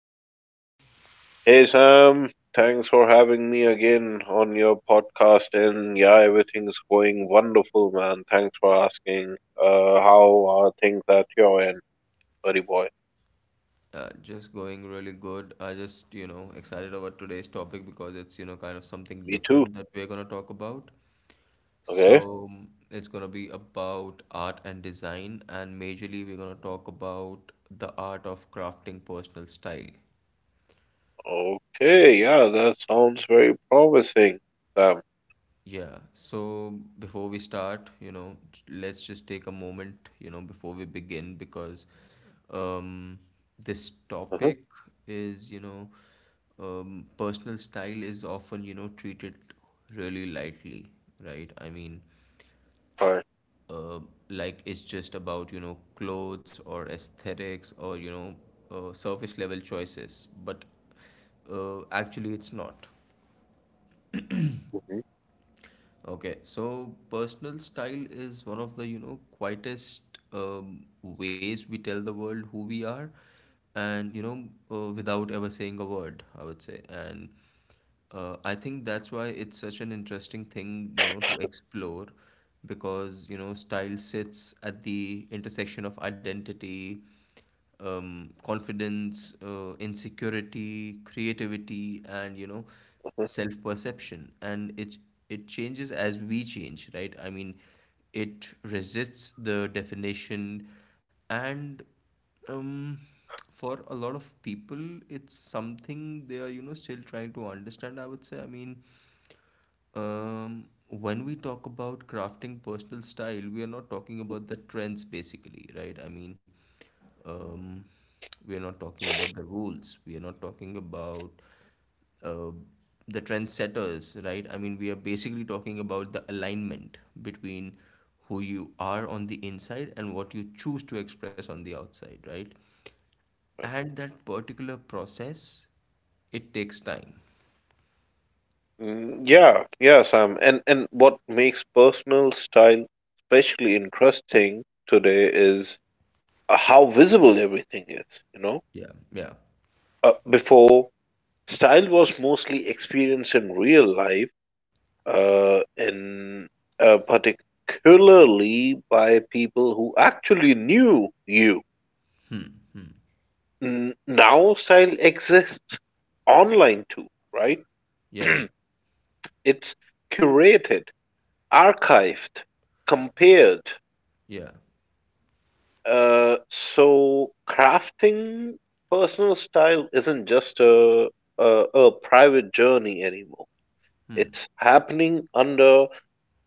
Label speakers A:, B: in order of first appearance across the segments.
A: How's it going?
B: Hey Sam, thanks for having me again on your podcast. And yeah, everything's going wonderful, man. Thanks for asking. How are things at your end, buddy boy?
A: Just going really good. I just, excited about today's topic because it's kind of something
B: Me too.
A: different that we're going to talk about.
B: Okay.
A: So, it's going to be about art and design, and majorly, we're going to talk about the art of crafting personal style.
B: Okay. Yeah, that sounds very promising, Sam.
A: Yeah, so before we start, let's just take a moment, before we begin because um this
B: Uh-huh.
A: topic is, personal style is often, treated really lightly, right? I mean,
B: Bye.
A: uh like it's just about, clothes or aesthetics or, surface level choices, but actually it's not.
B: Mhm.
A: Okay, so personal style is one of the, quietest ways we tell the world who we are, and, without ever saying a word, I would say. And I think that's why it's such an interesting thing, to explore because, style sits at the intersection of identity, confidence, insecurity, creativity, and
B: Huh.
A: self perception. And it changes as we change, right? I mean, it resists the definition, and, um, for a lot of people, it's something they are, still trying to understand, I would say. I mean, when we talk about crafting personal style, we are not talking about the trends basically, right? I mean, um, we are not talking about the rules. We are not talking about, uh, the trendsetters, right? I mean, we are basically talking about the alignment between who you are on the inside and what you choose to express on the outside, right?
B: Bye.
A: And that particular process, it takes time.
B: Mm, yeah. Yeah, Sam. And what makes personal style especially interesting today is how visible everything is. You know,
A: Yeah, yeah,
B: Before style was mostly experienced in real life, in particularly by people who actually knew you.
A: hmm,
B: Now style exists online too, right?
A: yeah,
B: It's curated, archived, compared.
A: yeah,
B: So crafting personal style isn't just a a private journey anymore.
A: hmm.
B: It's happening under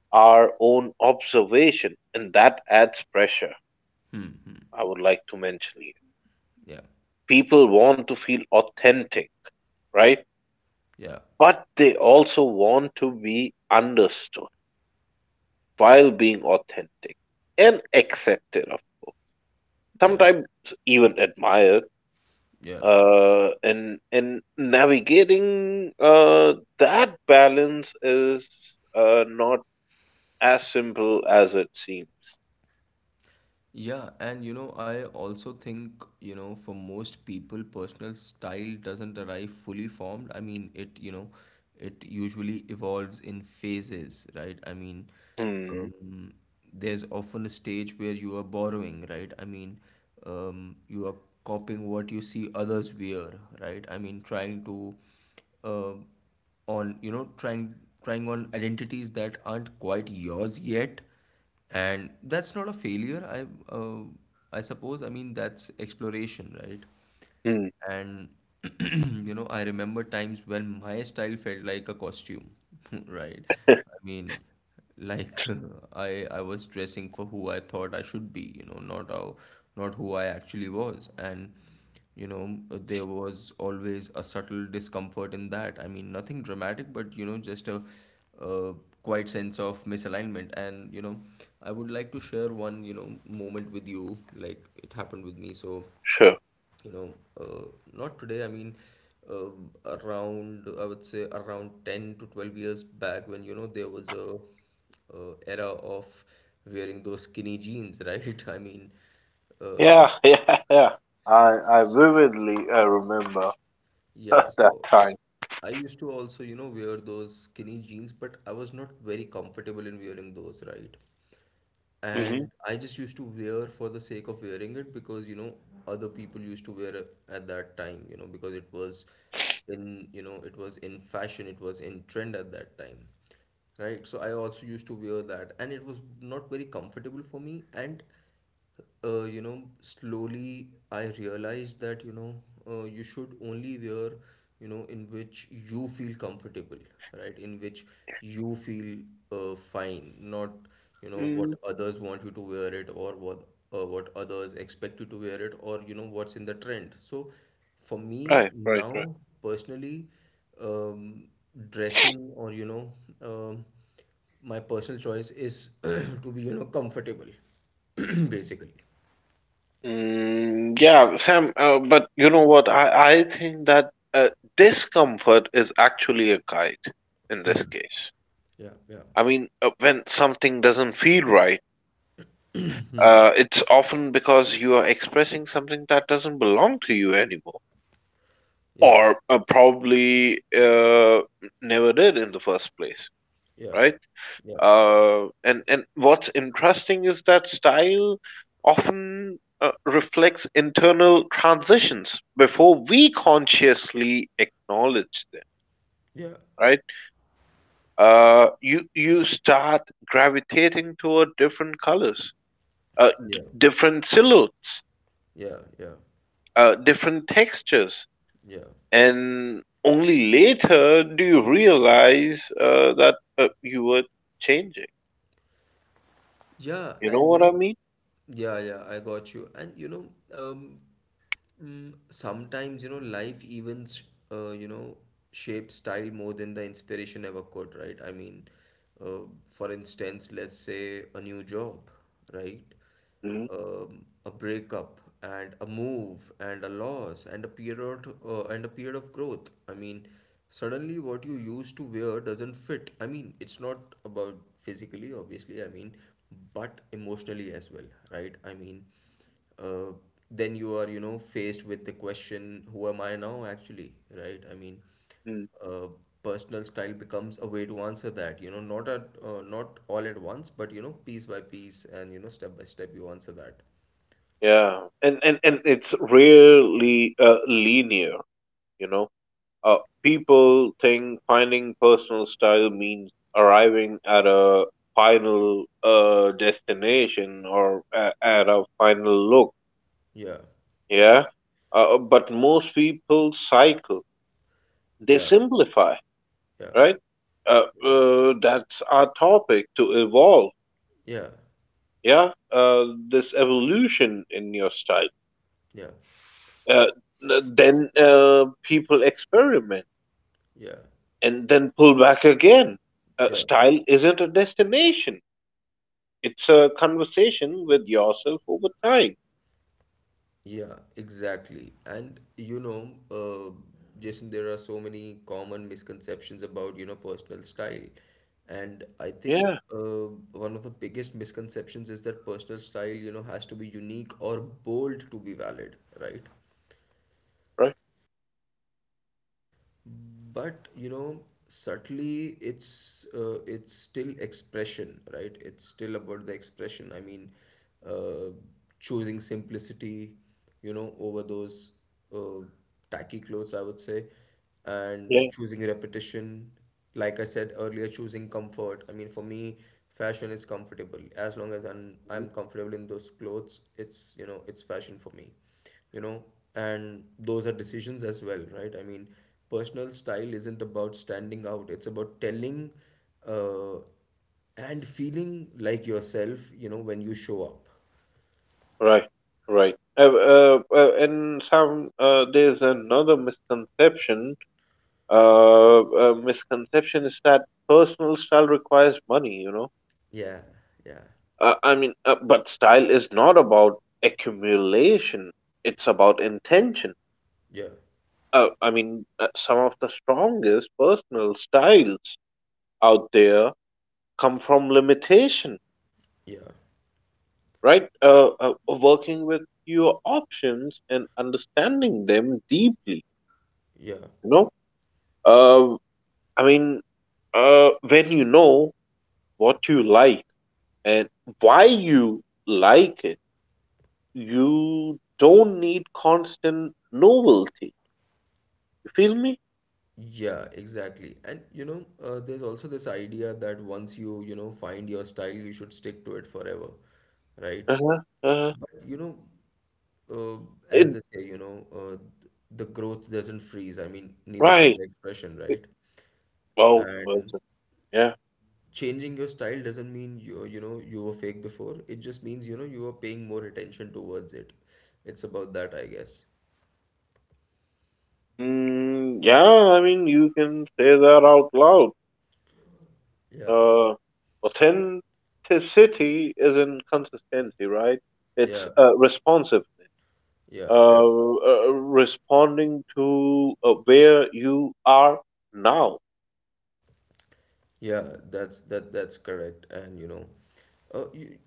B: our own observation, and that adds pressure.
A: Hmm. Hmm.
B: I would like to mention here.
A: Yeah.
B: People want to feel authentic, right?
A: Yeah.
B: But they also want to be understood while being authentic and accepted, of course.
A: Yeah.
B: Sometimes even admired.
A: Yeah.
B: And navigating that balance is not as simple as it seems.
A: Yeah, and I also think, for most people, personal style doesn't arrive fully formed. I mean, it, it usually evolves in phases, right? I mean,
B: Hmm.
A: um, there's often a stage where you are borrowing, right? I mean, you are copying what you see others wear, right? I mean, trying to, uh, on, trying on identities that aren't quite yours yet, and that's not a failure, uh, I suppose. I mean, that's exploration, right?
B: Hmm.
A: And I remember times when my style felt like a costume, right? I mean, like I was dressing for who I thought I should be, not how, not who I actually was. And there was always a subtle discomfort in that. I mean, nothing dramatic, but just a quite sense of misalignment. And I would like to share one, moment with you, like it happened with me. So
B: Sure.
A: you know uh, not today, I mean, um around I would say around 10 to 12 years back when there was a, era of wearing those skinny jeans, right? I mean, uh,
B: Yeah, yeah, yeah. I vividly remember
A: yeah,
B: that
A: so
B: time.
A: I used to also, wear those skinny jeans, but I was not very comfortable in wearing those, right?
B: Hmm.
A: And I just used to wear for the sake of wearing it because, other people used to wear it at that time, because it was in, it was in fashion, it was in trend at that time. Right? So I also used to wear that and it was not very comfortable for me, and slowly I realized that, you should only wear, in which you feel comfortable, right? In which you feel, fine, not,
B: Mm,
A: what others want you to wear it or what, what others expect you to wear it or, what's in the trend. So for me
B: right, right, right.
A: now, personally, um, dressing or, um, my personal choice is to be, comfortable basically.
B: Mm, yeah, Sam. But you know what? I think that discomfort is actually a guide in this case.
A: Yeah, yeah,
B: I mean, when something doesn't feel right, it's often because you are expressing something that doesn't belong to you anymore,
A: yeah,
B: or probably never did in the first place,
A: yeah,
B: right?
A: yeah,
B: And what's interesting is that style often reflects internal transitions before we consciously acknowledge them.
A: yeah,
B: Right? You start gravitating toward different colors,
A: yeah,
B: different silhouettes,
A: yeah, yeah,
B: different textures,
A: yeah,
B: and only later do you realize that you were changing.
A: yeah,
B: You know
A: and
B: what I mean?
A: yeah, yeah, I got you. And um mm, sometimes, life events, uh, you know, shape style more than the inspiration ever could, right? I mean, uh, for instance, let's say a new job, right? A breakup and a move and a loss and a period, and a period of growth. I mean, suddenly what you used to wear doesn't fit. I mean, it's not about physically, obviously. I mean, but emotionally as well, right? I mean, uh, then you are, faced with the question, who am I now actually, right? I mean,
B: Mm-hmm.
A: uh, personal style becomes a way to answer that, not at, not all at once, but piece by piece, and step by step you answer that.
B: Yeah, and it's really linear. You know, People think finding personal style means arriving at a final destination or at a final look.
A: Yeah,
B: Yeah, but most people cycle. They
A: yeah,
B: simplify,
A: yeah,
B: right? That's our topic to evolve.
A: yeah,
B: Yeah, this evolution in your style.
A: yeah,
B: Uh, then people experiment
A: yeah,
B: and then pull back again.
A: yeah,
B: Style isn't a destination, it's a conversation with yourself over time.
A: yeah exactly. And uh, Jason, there are so many common misconceptions about personal style, and I think,
B: Yeah,
A: one of the biggest misconceptions is that personal style, has to be unique or bold to be valid, right?
B: right.
A: But subtly it's, it's still expression, right? It's still about the expression. I mean, uh, choosing simplicity, over those, uh, tacky clothes, I would say, and
B: Yeah,
A: choosing repetition, like I said earlier, choosing comfort. I mean, for me, fashion is comfortable as long as i'm
B: mhm,
A: i'm comfortable in those clothes, it's, it's fashion for me, you know and those are decisions as well, right? I mean, personal style isn't about standing out, it's about telling, uh, and feeling like yourself, when you show up.
B: right, right. There's another misconception. Misconception is that personal style requires money, you know?
A: Yeah, yeah,
B: I mean, but style is not about accumulation, it's about intention.
A: yeah,
B: Uh, I mean, some of the strongest personal styles out there come from limitation,
A: yeah,
B: right? Working with fewer options and understanding them deeply,
A: yeah,
B: you know? Uh, I mean, when you know what you like and why you like it, you don't need constant novelty. You feel me?
A: yeah exactly. And there's also this idea that once you, you know find your style you should stick to it forever, right?
B: Uh-huh, uh-huh.
A: But uh, as
B: It,
A: they say, the growth doesn't freeze. I mean, neither should
B: right.
A: the expression, right?
B: Wow. Well
A: And
B: said. Yeah.
A: changing your style doesn't mean you, you were fake before. It just means, you are paying more attention towards it. It's about that, I guess.
B: Mm, yeah, I mean, you can say that out loud.
A: Yeah,
B: Uh, Authenticity isn't consistency, right?
A: yeah,
B: It's responsiveness.
A: yeah, yeah.
B: Uh, Responding to where you are now.
A: Yeah, that's that's correct. And you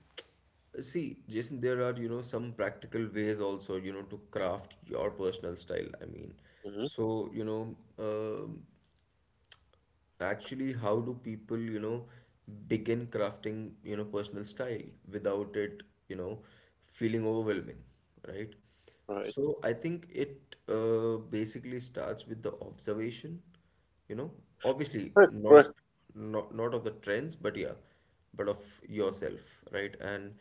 A: see, Jason, there are, some practical ways also, to craft your personal style. I mean,
B: Hmm.
A: so actually how do people, begin crafting, personal style without it, you know feeling overwhelming, right?
B: Right.
A: So I think it, basically starts with the observation, you know obviously
B: Correct,
A: not,
B: correct.
A: of the trends, but yeah, but of yourself, right? And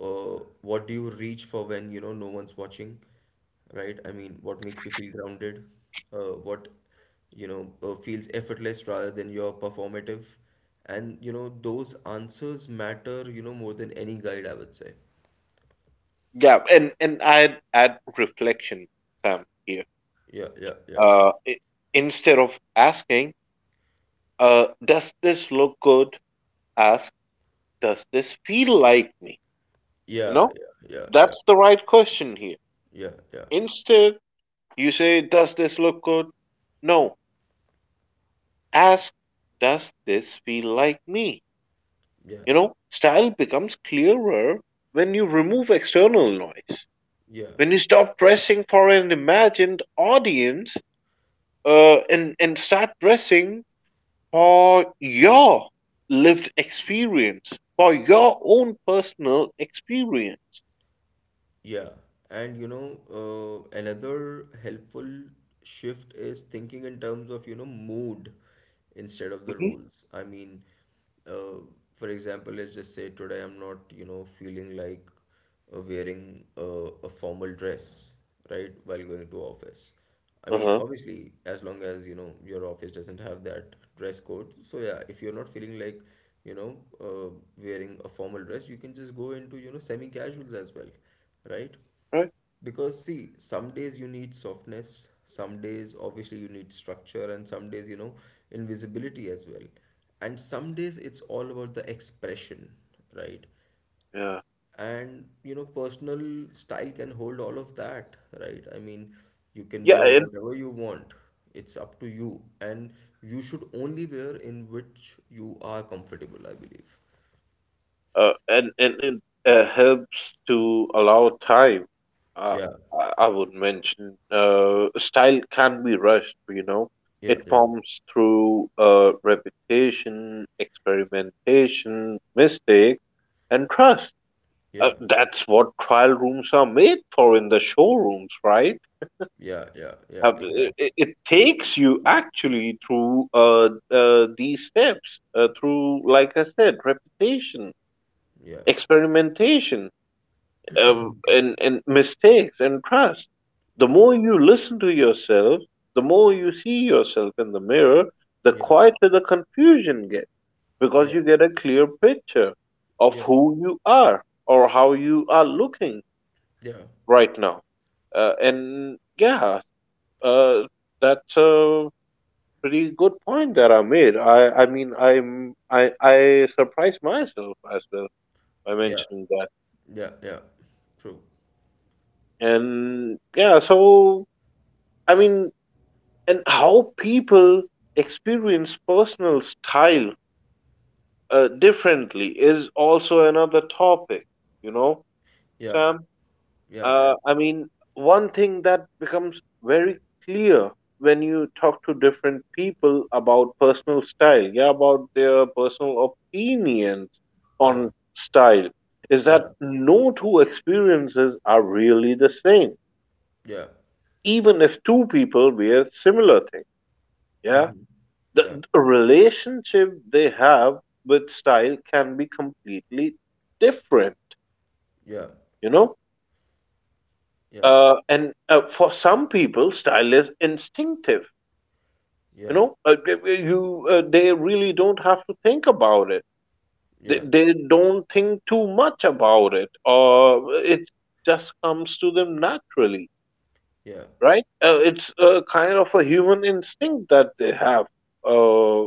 A: what do you reach for when no one's watching, right? I mean, what makes you feel grounded, what, feels effortless rather than your performative. And, those answers matter, more than any guide, I would say.
B: Yeah, and I'd add reflection, Sam, here.
A: Yeah, yeah, yeah.
B: Uh, i- Instead of asking, does this look good? Ask, does this feel like me? You
A: Yeah,
B: know
A: yeah, yeah, yeah,
B: That's the right question here.
A: yeah, yeah,
B: Instead, you say, does this look good? No, ask, does this feel like me?
A: yeah,
B: Style becomes clearer when you remove external noise.
A: yeah.
B: When you stop dressing for an imagined audience, and start dressing for your lived experience, for your own personal experience.
A: Yeah, and another helpful shift is thinking in terms of, mood instead of the
B: Hmm.
A: roles. I mean, uh, for example, let's just say today I'm not, feeling like, wearing, a formal dress, right, while going to office. I
B: Uh
A: mean,
B: huh.
A: obviously, as long as your office doesn't have that dress code. So yeah, if you're not feeling like you know uh, wearing a formal dress, you can just go into, semi-casuals as well, right?
B: Right?
A: Because see, some days you need softness, some days obviously you need structure, and some days invisibility as well. And some days it's all about the expression, right?
B: Yeah.
A: And personal style can hold all of that, right? I mean, you can wear
B: Yeah,
A: whatever you want, it's up to you, and you should only wear in which you are comfortable, I believe.
B: and it helps to allow time. Uh,
A: Yeah,
B: I would mention style can be rushed. You know,
A: yeah,
B: it
A: yeah,
B: forms through repetition, experimentation, mistakes, and trust.
A: yeah,
B: That's what trial rooms are made for in the showrooms, right?
A: yeah, yeah, yeah
B: Uh, it,
A: exactly.
B: it it takes you actually through these steps, through, like I said, repetition,
A: Yeah, yeah,
B: experimentation, uh,
A: yeah,
B: and, and mistakes and trust. The
A: yeah,
B: more you listen to yourself, the more you see yourself in the mirror, the
A: yeah,
B: quieter the confusion gets because
A: yeah,
B: you get a clear picture of who you are or how you are looking
A: yeah,
B: right now. And yeah, uh, that's a pretty good point that I made. I mean, I'm, I surprised myself as well by
A: yeah,
B: mentioning that.
A: yeah, yeah true.
B: And yeah, so I mean, and how people experience personal style differently is also another topic, you know,
A: Yeah,
B: Sam.
A: yeah, yeah,
B: Uh, I mean, one thing that becomes very clear when you talk to different people about personal style, yeah, about their personal opinions
A: yeah,
B: on style is
A: yeah,
B: that no two experiences are really the same,
A: yeah
B: even if two people wear similar things. Yeah,
A: hmm, yeah,
B: the relationship they have with style can be completely different,
A: yeah,
B: you know.
A: yeah.
B: And for some people style is instinctive. You
A: Yeah,
B: know, they- you they really don't have to think about it. they,
A: yeah,
B: they don't think too much about it, or it just comes to them naturally,
A: yeah,
B: right? It's a kind of a human instinct that they have uh,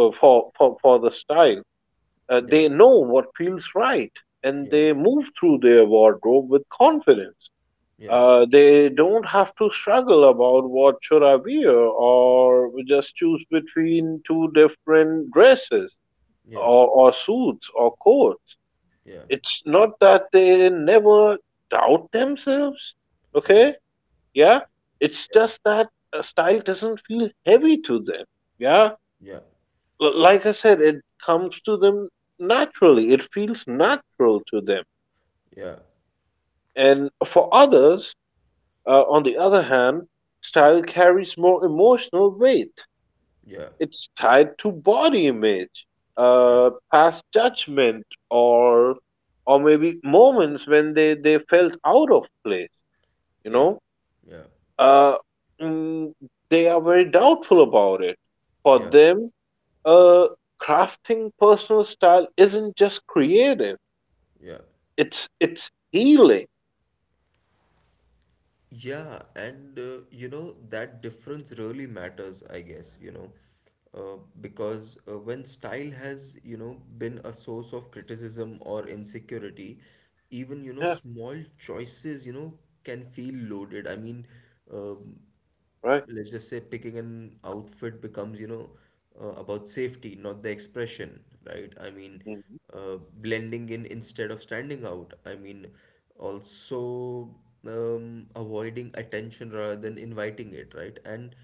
B: for the style.
A: yeah,
B: They know what feels right and
A: yeah,
B: they move through their wardrobe with confidence.
A: yeah,
B: They don't have to struggle about what should I wear or just choose between two different dresses,
A: yeah,
B: or suits or coats.
A: yeah,
B: It's not that they never doubt themselves,
A: yeah,
B: okay? Yeah, it's just that style doesn't feel heavy to them. Yeah,
A: yeah, yeah,
B: Like I said, it comes to them naturally. It feels natural to them.
A: yeah, yeah,
B: And for others, on the other hand, style carries more emotional weight.
A: yeah,
B: It's tied to body image,
A: yeah,
B: past judgment, or maybe moments when they felt out of place. You
A: yeah,
B: know,
A: yeah.
B: uh, mm, they are very doubtful about it. For them, uh, crafting personal style isn't just creative.
A: Yeah,
B: It's healing.
A: yeah, and that difference really matters, I guess, because, when style has, been a source of criticism or insecurity, even,
B: Yeah,
A: small choices, can feel loaded. I mean, um,
B: right.
A: let's just say picking an outfit becomes about safety, not the expression, right? I mean,
B: Mhm.
A: blending in instead of standing out. I mean also, avoiding attention rather than inviting it, right? And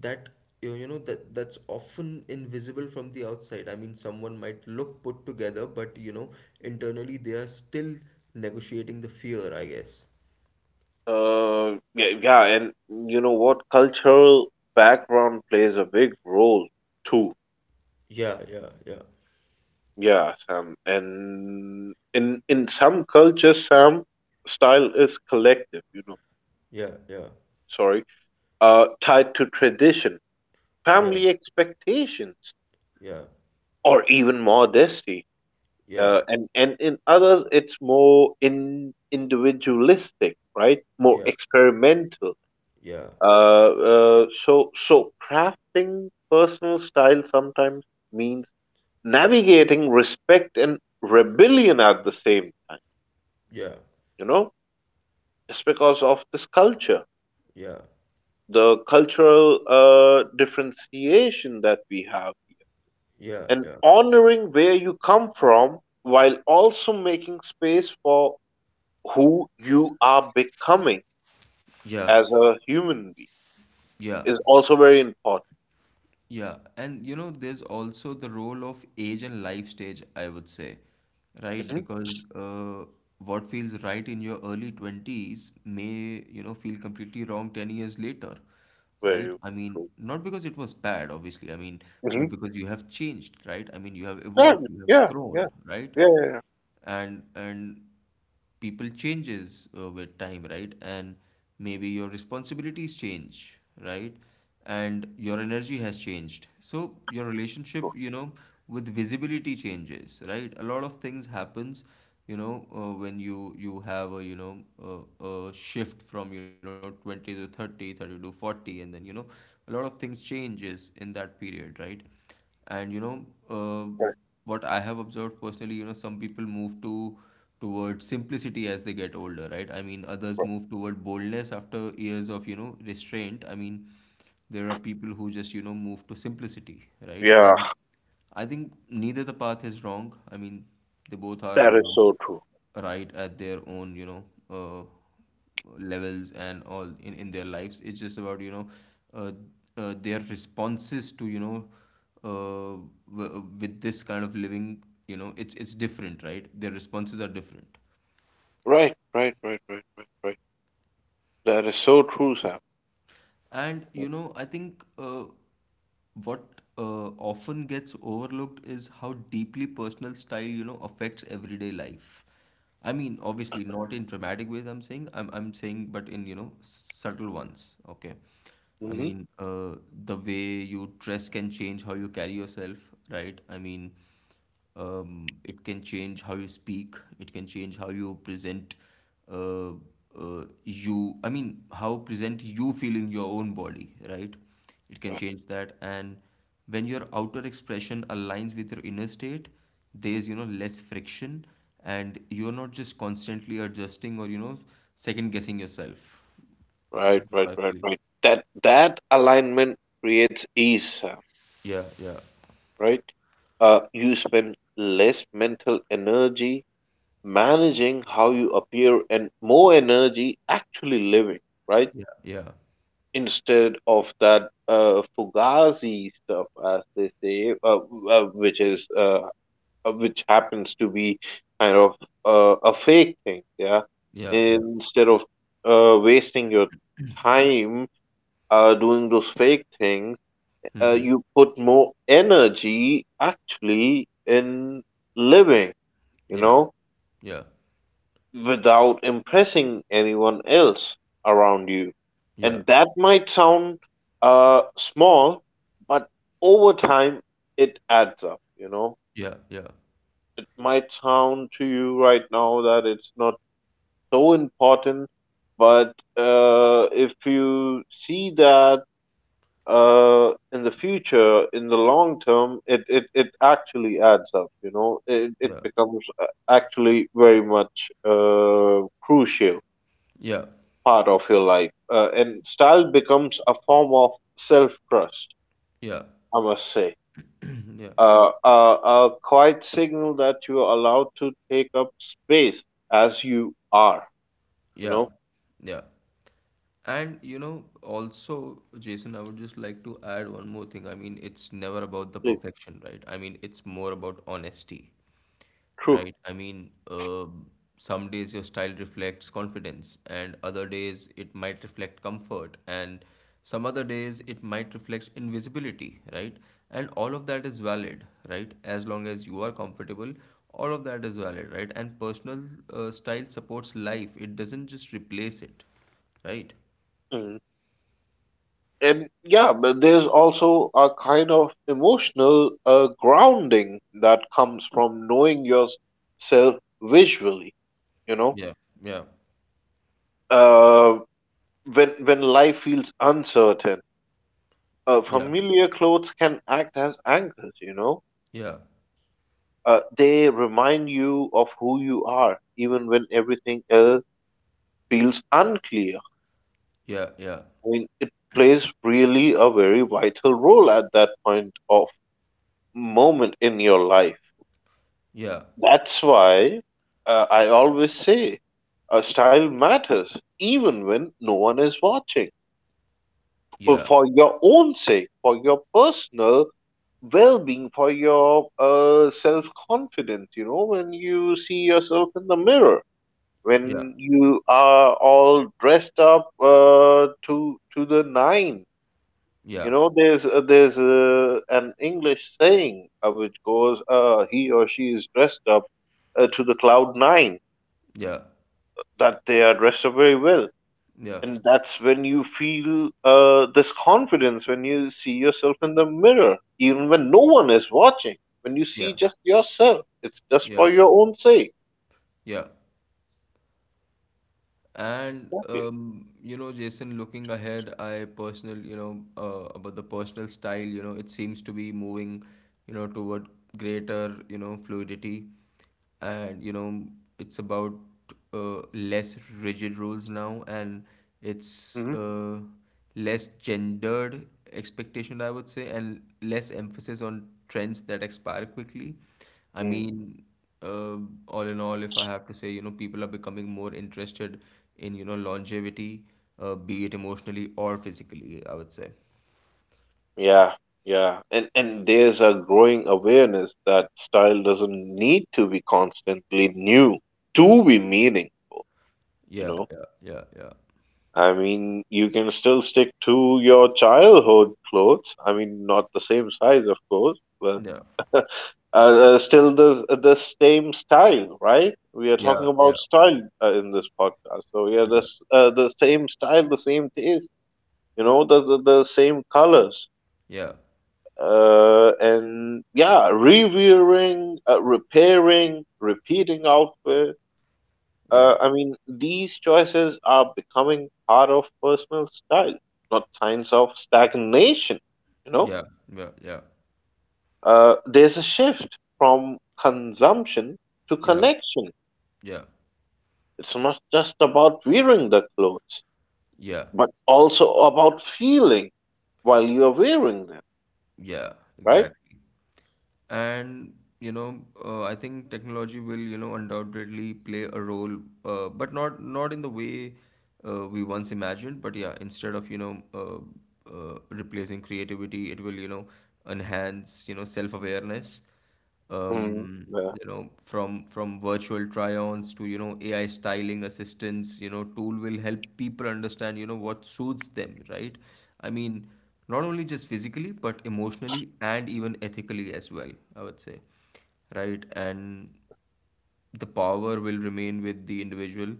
A: that, that's often invisible from the outside. I mean, someone might look put together, but you know, internally they are still negotiating the fear, I guess.
B: Yeah, yeah, and you know what? Cultural background plays a big role too.
A: Yeah, yeah, yeah,
B: Yeah, Sam. And in some cultures, Sam, style is collective. You know,
A: yeah, yeah,
B: sorry, tied to tradition,
A: yeah,
B: family expectations,
A: yeah,
B: or even modesty.
A: yeah,
B: And in others, it's more in individualistic, right? More
A: yeah,
B: experimental.
A: yeah,
B: So crafting personal style sometimes means navigating respect and rebellion at the same time,
A: yeah,
B: you know, just because of this culture,
A: yeah,
B: the cultural differentiation that we have here,
A: yeah,
B: and
A: yeah.
B: honoring where you come from while also making space for who you are becoming
A: Yeah,
B: as a human being
A: yeah,
B: is also very important.
A: yeah. And you know, there's also the role of age and life stage, I would say, right?
B: Hmm,
A: Because what feels right in your early 20s may, you know, feel completely wrong 10 years later, right?
B: very
A: I mean,
B: true.
A: not because it was bad, obviously, I mean, but because you have changed, right? I mean, you have
B: Yeah,
A: evolved, you have
B: yeah, yeah,
A: grown, right?
B: yeah, yeah,
A: And people changes with time, right? And maybe your responsibilities change, right? And your energy has changed, so your relationship, you know, with visibility changes, right? A lot of things happens, you know, when you have a, you know, a shift from, you know, 20 to 30, 30 to 40, and then, you know, a lot of things changes in that period, right? And you know, uh,
B: right.
A: what I have observed personally, you know, some people move to toward simplicity as they get older, right? I mean, others
B: Right.
A: move toward boldness after years of, you know, restraint. I mean, there are people who just, you know, move to simplicity, right?
B: Yeah.
A: And I think neither the path is wrong. I mean, they both are,
B: That
A: you
B: is
A: know,
B: so true.
A: right at their own, you know, uh, levels and all in their lives. It's just about, you know, uh, their responses to, you know, uh, with this kind of living, you know, it's different, right? Their responses are different.
B: Right, right, right, right, right, right. That is so true, Sam.
A: And you know, I think what often gets overlooked is how deeply personal style, you know, affects everyday life. I mean, obviously not in dramatic ways I'm saying, I'm saying, but in, you know, subtle ones, okay? I
B: Hmm.
A: mean, the way you dress can change how you carry yourself, right? I mean, it can change how you speak, it can change how you present, uh, you I mean how present you feel in your own body, right? It can change that. And when your outer expression aligns with your inner state, there's, you know, less friction, and you're not just constantly adjusting or, you know, second guessing yourself. This
B: Right,
A: is
B: right,
A: what I
B: right,
A: feel.
B: right. That alignment creates ease, Sam.
A: Yeah, yeah,
B: Right. You spend less mental energy managing how you appear and more energy actually living. Right.
A: yeah, yeah,
B: Instead of that fugazi stuff, as they say, uh, which is uh, which happens to be kind of a fake thing. Yeah,
A: yeah, yeah,
B: instead of wasting your time doing those fake things, you put more energy actually in living. You
A: yeah,
B: know,
A: yeah,
B: without impressing anyone else around you,
A: yeah,
B: and that might sound small, but over time it adds up. You know,
A: yeah, yeah,
B: it might sound to you right now that it's not so important. But if you see that in the future, in the long term, it actually adds up, you know, it
A: yeah.
B: becomes actually very much crucial
A: Yeah,
B: part of your life. And style becomes a form of self trust,
A: yeah,
B: I must say.
A: yeah,
B: A quiet signal that you are allowed to take up space as you are, you
A: yeah,
B: know.
A: yeah. And you know, also, Jason, I would just like to add one more thing. I mean, it's never about the perfection, right? I mean, it's more about honesty,
B: True.
A: right? I mean, some days your style reflects confidence, and other days it might reflect comfort, and some other days it might reflect invisibility, right? And all of that is valid, right? As long as you are comfortable, all of that is valid, right? And personal style supports life, it doesn't just replace it, right?
B: Mm-hmm. And yeah, but there's also a kind of emotional grounding that comes from knowing yourself visually. You know,
A: Yeah, yeah,
B: uh, when life feels uncertain,
A: yeah,
B: familiar clothes can act as anchors. You know,
A: yeah,
B: they remind you of who you are, even when everything else feels unclear.
A: yeah,
B: I mean, it plays really a very vital role at that point of moment in your life.
A: yeah,
B: That's why I always say style matters even when no one is watching. For
A: yeah,
B: for your own sake, for your personal well being, for your self confidence, you know, when you see yourself in the mirror,
A: yeah,
B: when you are all dressed up to the nine.
A: yeah,
B: You know, there's an English saying which goes, he or she is dressed up to the cloud nine
A: yeah,
B: that they are it very well.
A: yeah, yeah,
B: And that's when you feel this confidence when you see yourself in the mirror, even when no one is watching. When you
A: yeah,
B: see just yourself, it's just
A: yeah,
B: for your own sake.
A: yeah. And
B: Exactly.
A: you know, Jason, looking ahead, I personal, you know, about the personal style, you know, it seems to be moving, you know, toward greater, you know, fluidity, and you know, it's about less rigid rules now, and it's
B: Hmm.
A: less gendered expectation, I would say, and less emphasis on trends that expire quickly. I
B: Mm,
A: mean, uh, all in all, if I have to say, you know, people are becoming more interested in, you know, longevity, be it emotionally or physically, I would say.
B: yeah, yeah. And there's a growing awareness that style doesn't need to be constantly new to be meaning, you
A: Yeah,
B: know.
A: yeah, yeah, yeah,
B: I mean, you can still stick to your childhood clothes. I mean, not the same size, of course, but
A: yeah,
B: Still the same style, right? We are talking
A: yeah,
B: about style in this podcast. So yeah,
A: yeah,
B: this the same style, the same taste, you know, the same colors.
A: yeah,
B: And yeah, reviewing, repairing, repeating outfit.
A: yeah,
B: I mean, these choices are becoming part of personal style, not signs of stagnation. You know,
A: yeah, yeah, yeah,
B: there's a shift from consumption to
A: yeah, yeah,
B: connection.
A: yeah,
B: It's not just about wearing the clothes,
A: yeah.
B: but also about feeling while you're wearing them,
A: Yeah,
B: right?
A: exactly. And you know, I think technology will, you know, undoubtedly play a role, but not in the way we once imagined. But yeah, instead of, you know, replacing creativity, it will, you know, enhance, you know, self awareness.
B: Mm, yeah,
A: You know, from virtual try-ons to, you know, AI styling assistance, you know, tool will help people understand, you know, what suits them, right? I mean, not only just physically, but emotionally and even ethically as well, I would say, right? And the power will remain with the individual,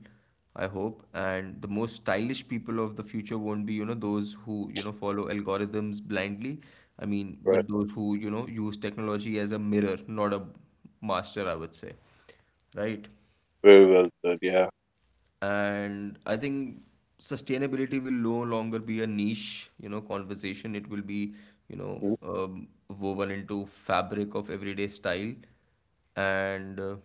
A: I hope. And the most stylish people of the future won't be, you know, those who, you know, follow algorithms blindly. I mean,
B: right.
A: but those who, you know, use technology as a mirror, not a master, I would say, right?
B: Very well said. Yeah.
A: And I think sustainability will no longer be a niche, you know, conversation. It will be, you know, woven into fabric of everyday style. And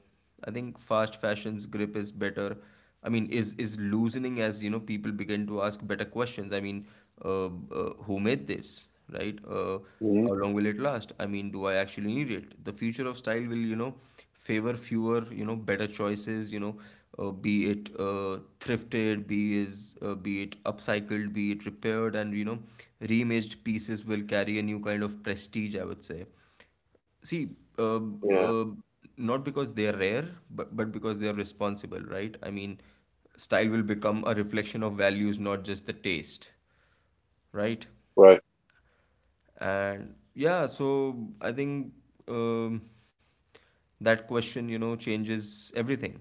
A: I think fast fashion's grip is better, I mean, is loosening as, you know, people begin to ask better questions. I mean, uh, who made this, right?
B: Mm-hmm.
A: How long will it last? I mean, do I actually need it? The future of style will, you know, favor fewer, you know, better choices, you know, be it thrifted, be is be it upcycled, be it repaired, and you know, reimaged pieces will carry a new kind of prestige, I would say. See, uh,
B: Yeah,
A: uh, not because they are rare, but because they are responsible, right? I mean, style will become a reflection of values, not just the taste, right?
B: right.
A: And yeah, so I think um, that question, you know, changes everything.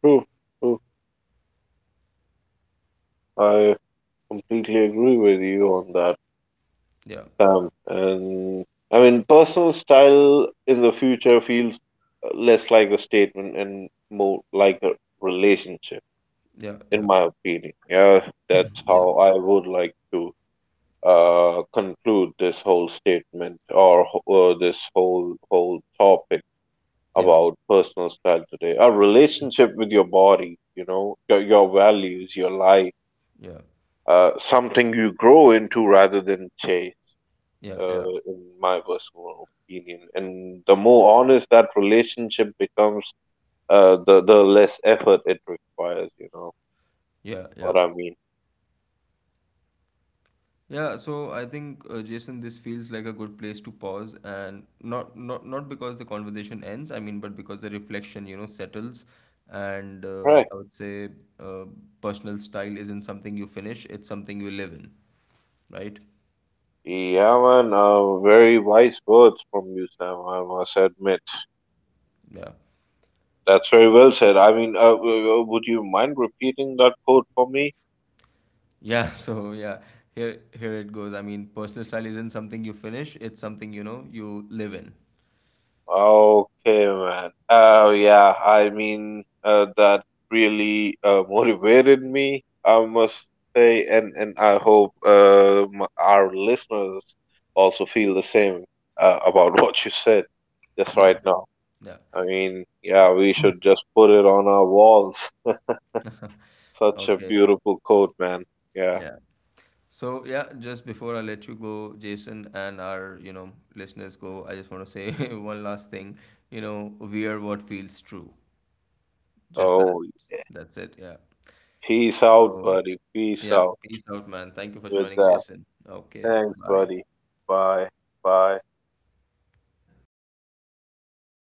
B: True, true. I completely agree with you on that,
A: Yeah,
B: Sam. And I mean, personal style in the future feels less like a statement and more like a relationship,
A: yeah, yeah,
B: in my opinion. Yeah, that's
A: yeah,
B: how I would like to conclude this whole statement or this whole topic
A: yeah,
B: about personal style today. A relationship with your body, you know, your values, your life,
A: yeah,
B: something you grow into rather than chase.
A: yeah, yeah,
B: In my personal opinion, and the more honest that relationship becomes, the less effort it requires. You know
A: yeah,
B: what
A: yeah.
B: I mean,
A: Yeah, so I think Jason, this feels like a good place to pause, and not because the conversation ends, I mean, but because the reflection, you know, settles, and
B: right?
A: I would say uh, personal style isn't something you finish; it's something you live in, right?
B: Yeah, man. Very wise words from you, Sam. I must admit.
A: Yeah.
B: That's very well said. I mean, would you mind repeating that quote for me?
A: Yeah, so yeah, here it goes. I mean, personal style isn't something you finish, it's something you know you live in.
B: Okay, man. Oh, yeah. I mean, that really motivated me, I must say, and I hope our listeners also feel the same about what you said just
A: Yeah.
B: right now.
A: Yeah.
B: I mean, yeah, we should just put it on our walls. Such a
A: Okay.
B: beautiful quote, man. Yeah.
A: Yeah. So yeah, just before I let you go, Jason, and our, you know, listeners go, I just want to say one last thing. You know, wear what feels true. Just that.
B: Oh,
A: That's it. Yeah.
B: peace out,
A: So
B: buddy.
A: yeah,
B: Peace out.
A: peace out, man. Thank you for
B: With
A: joining,
B: that.
A: Jason. Okay.
B: Thanks,
A: Bye.
B: buddy. Bye. Bye.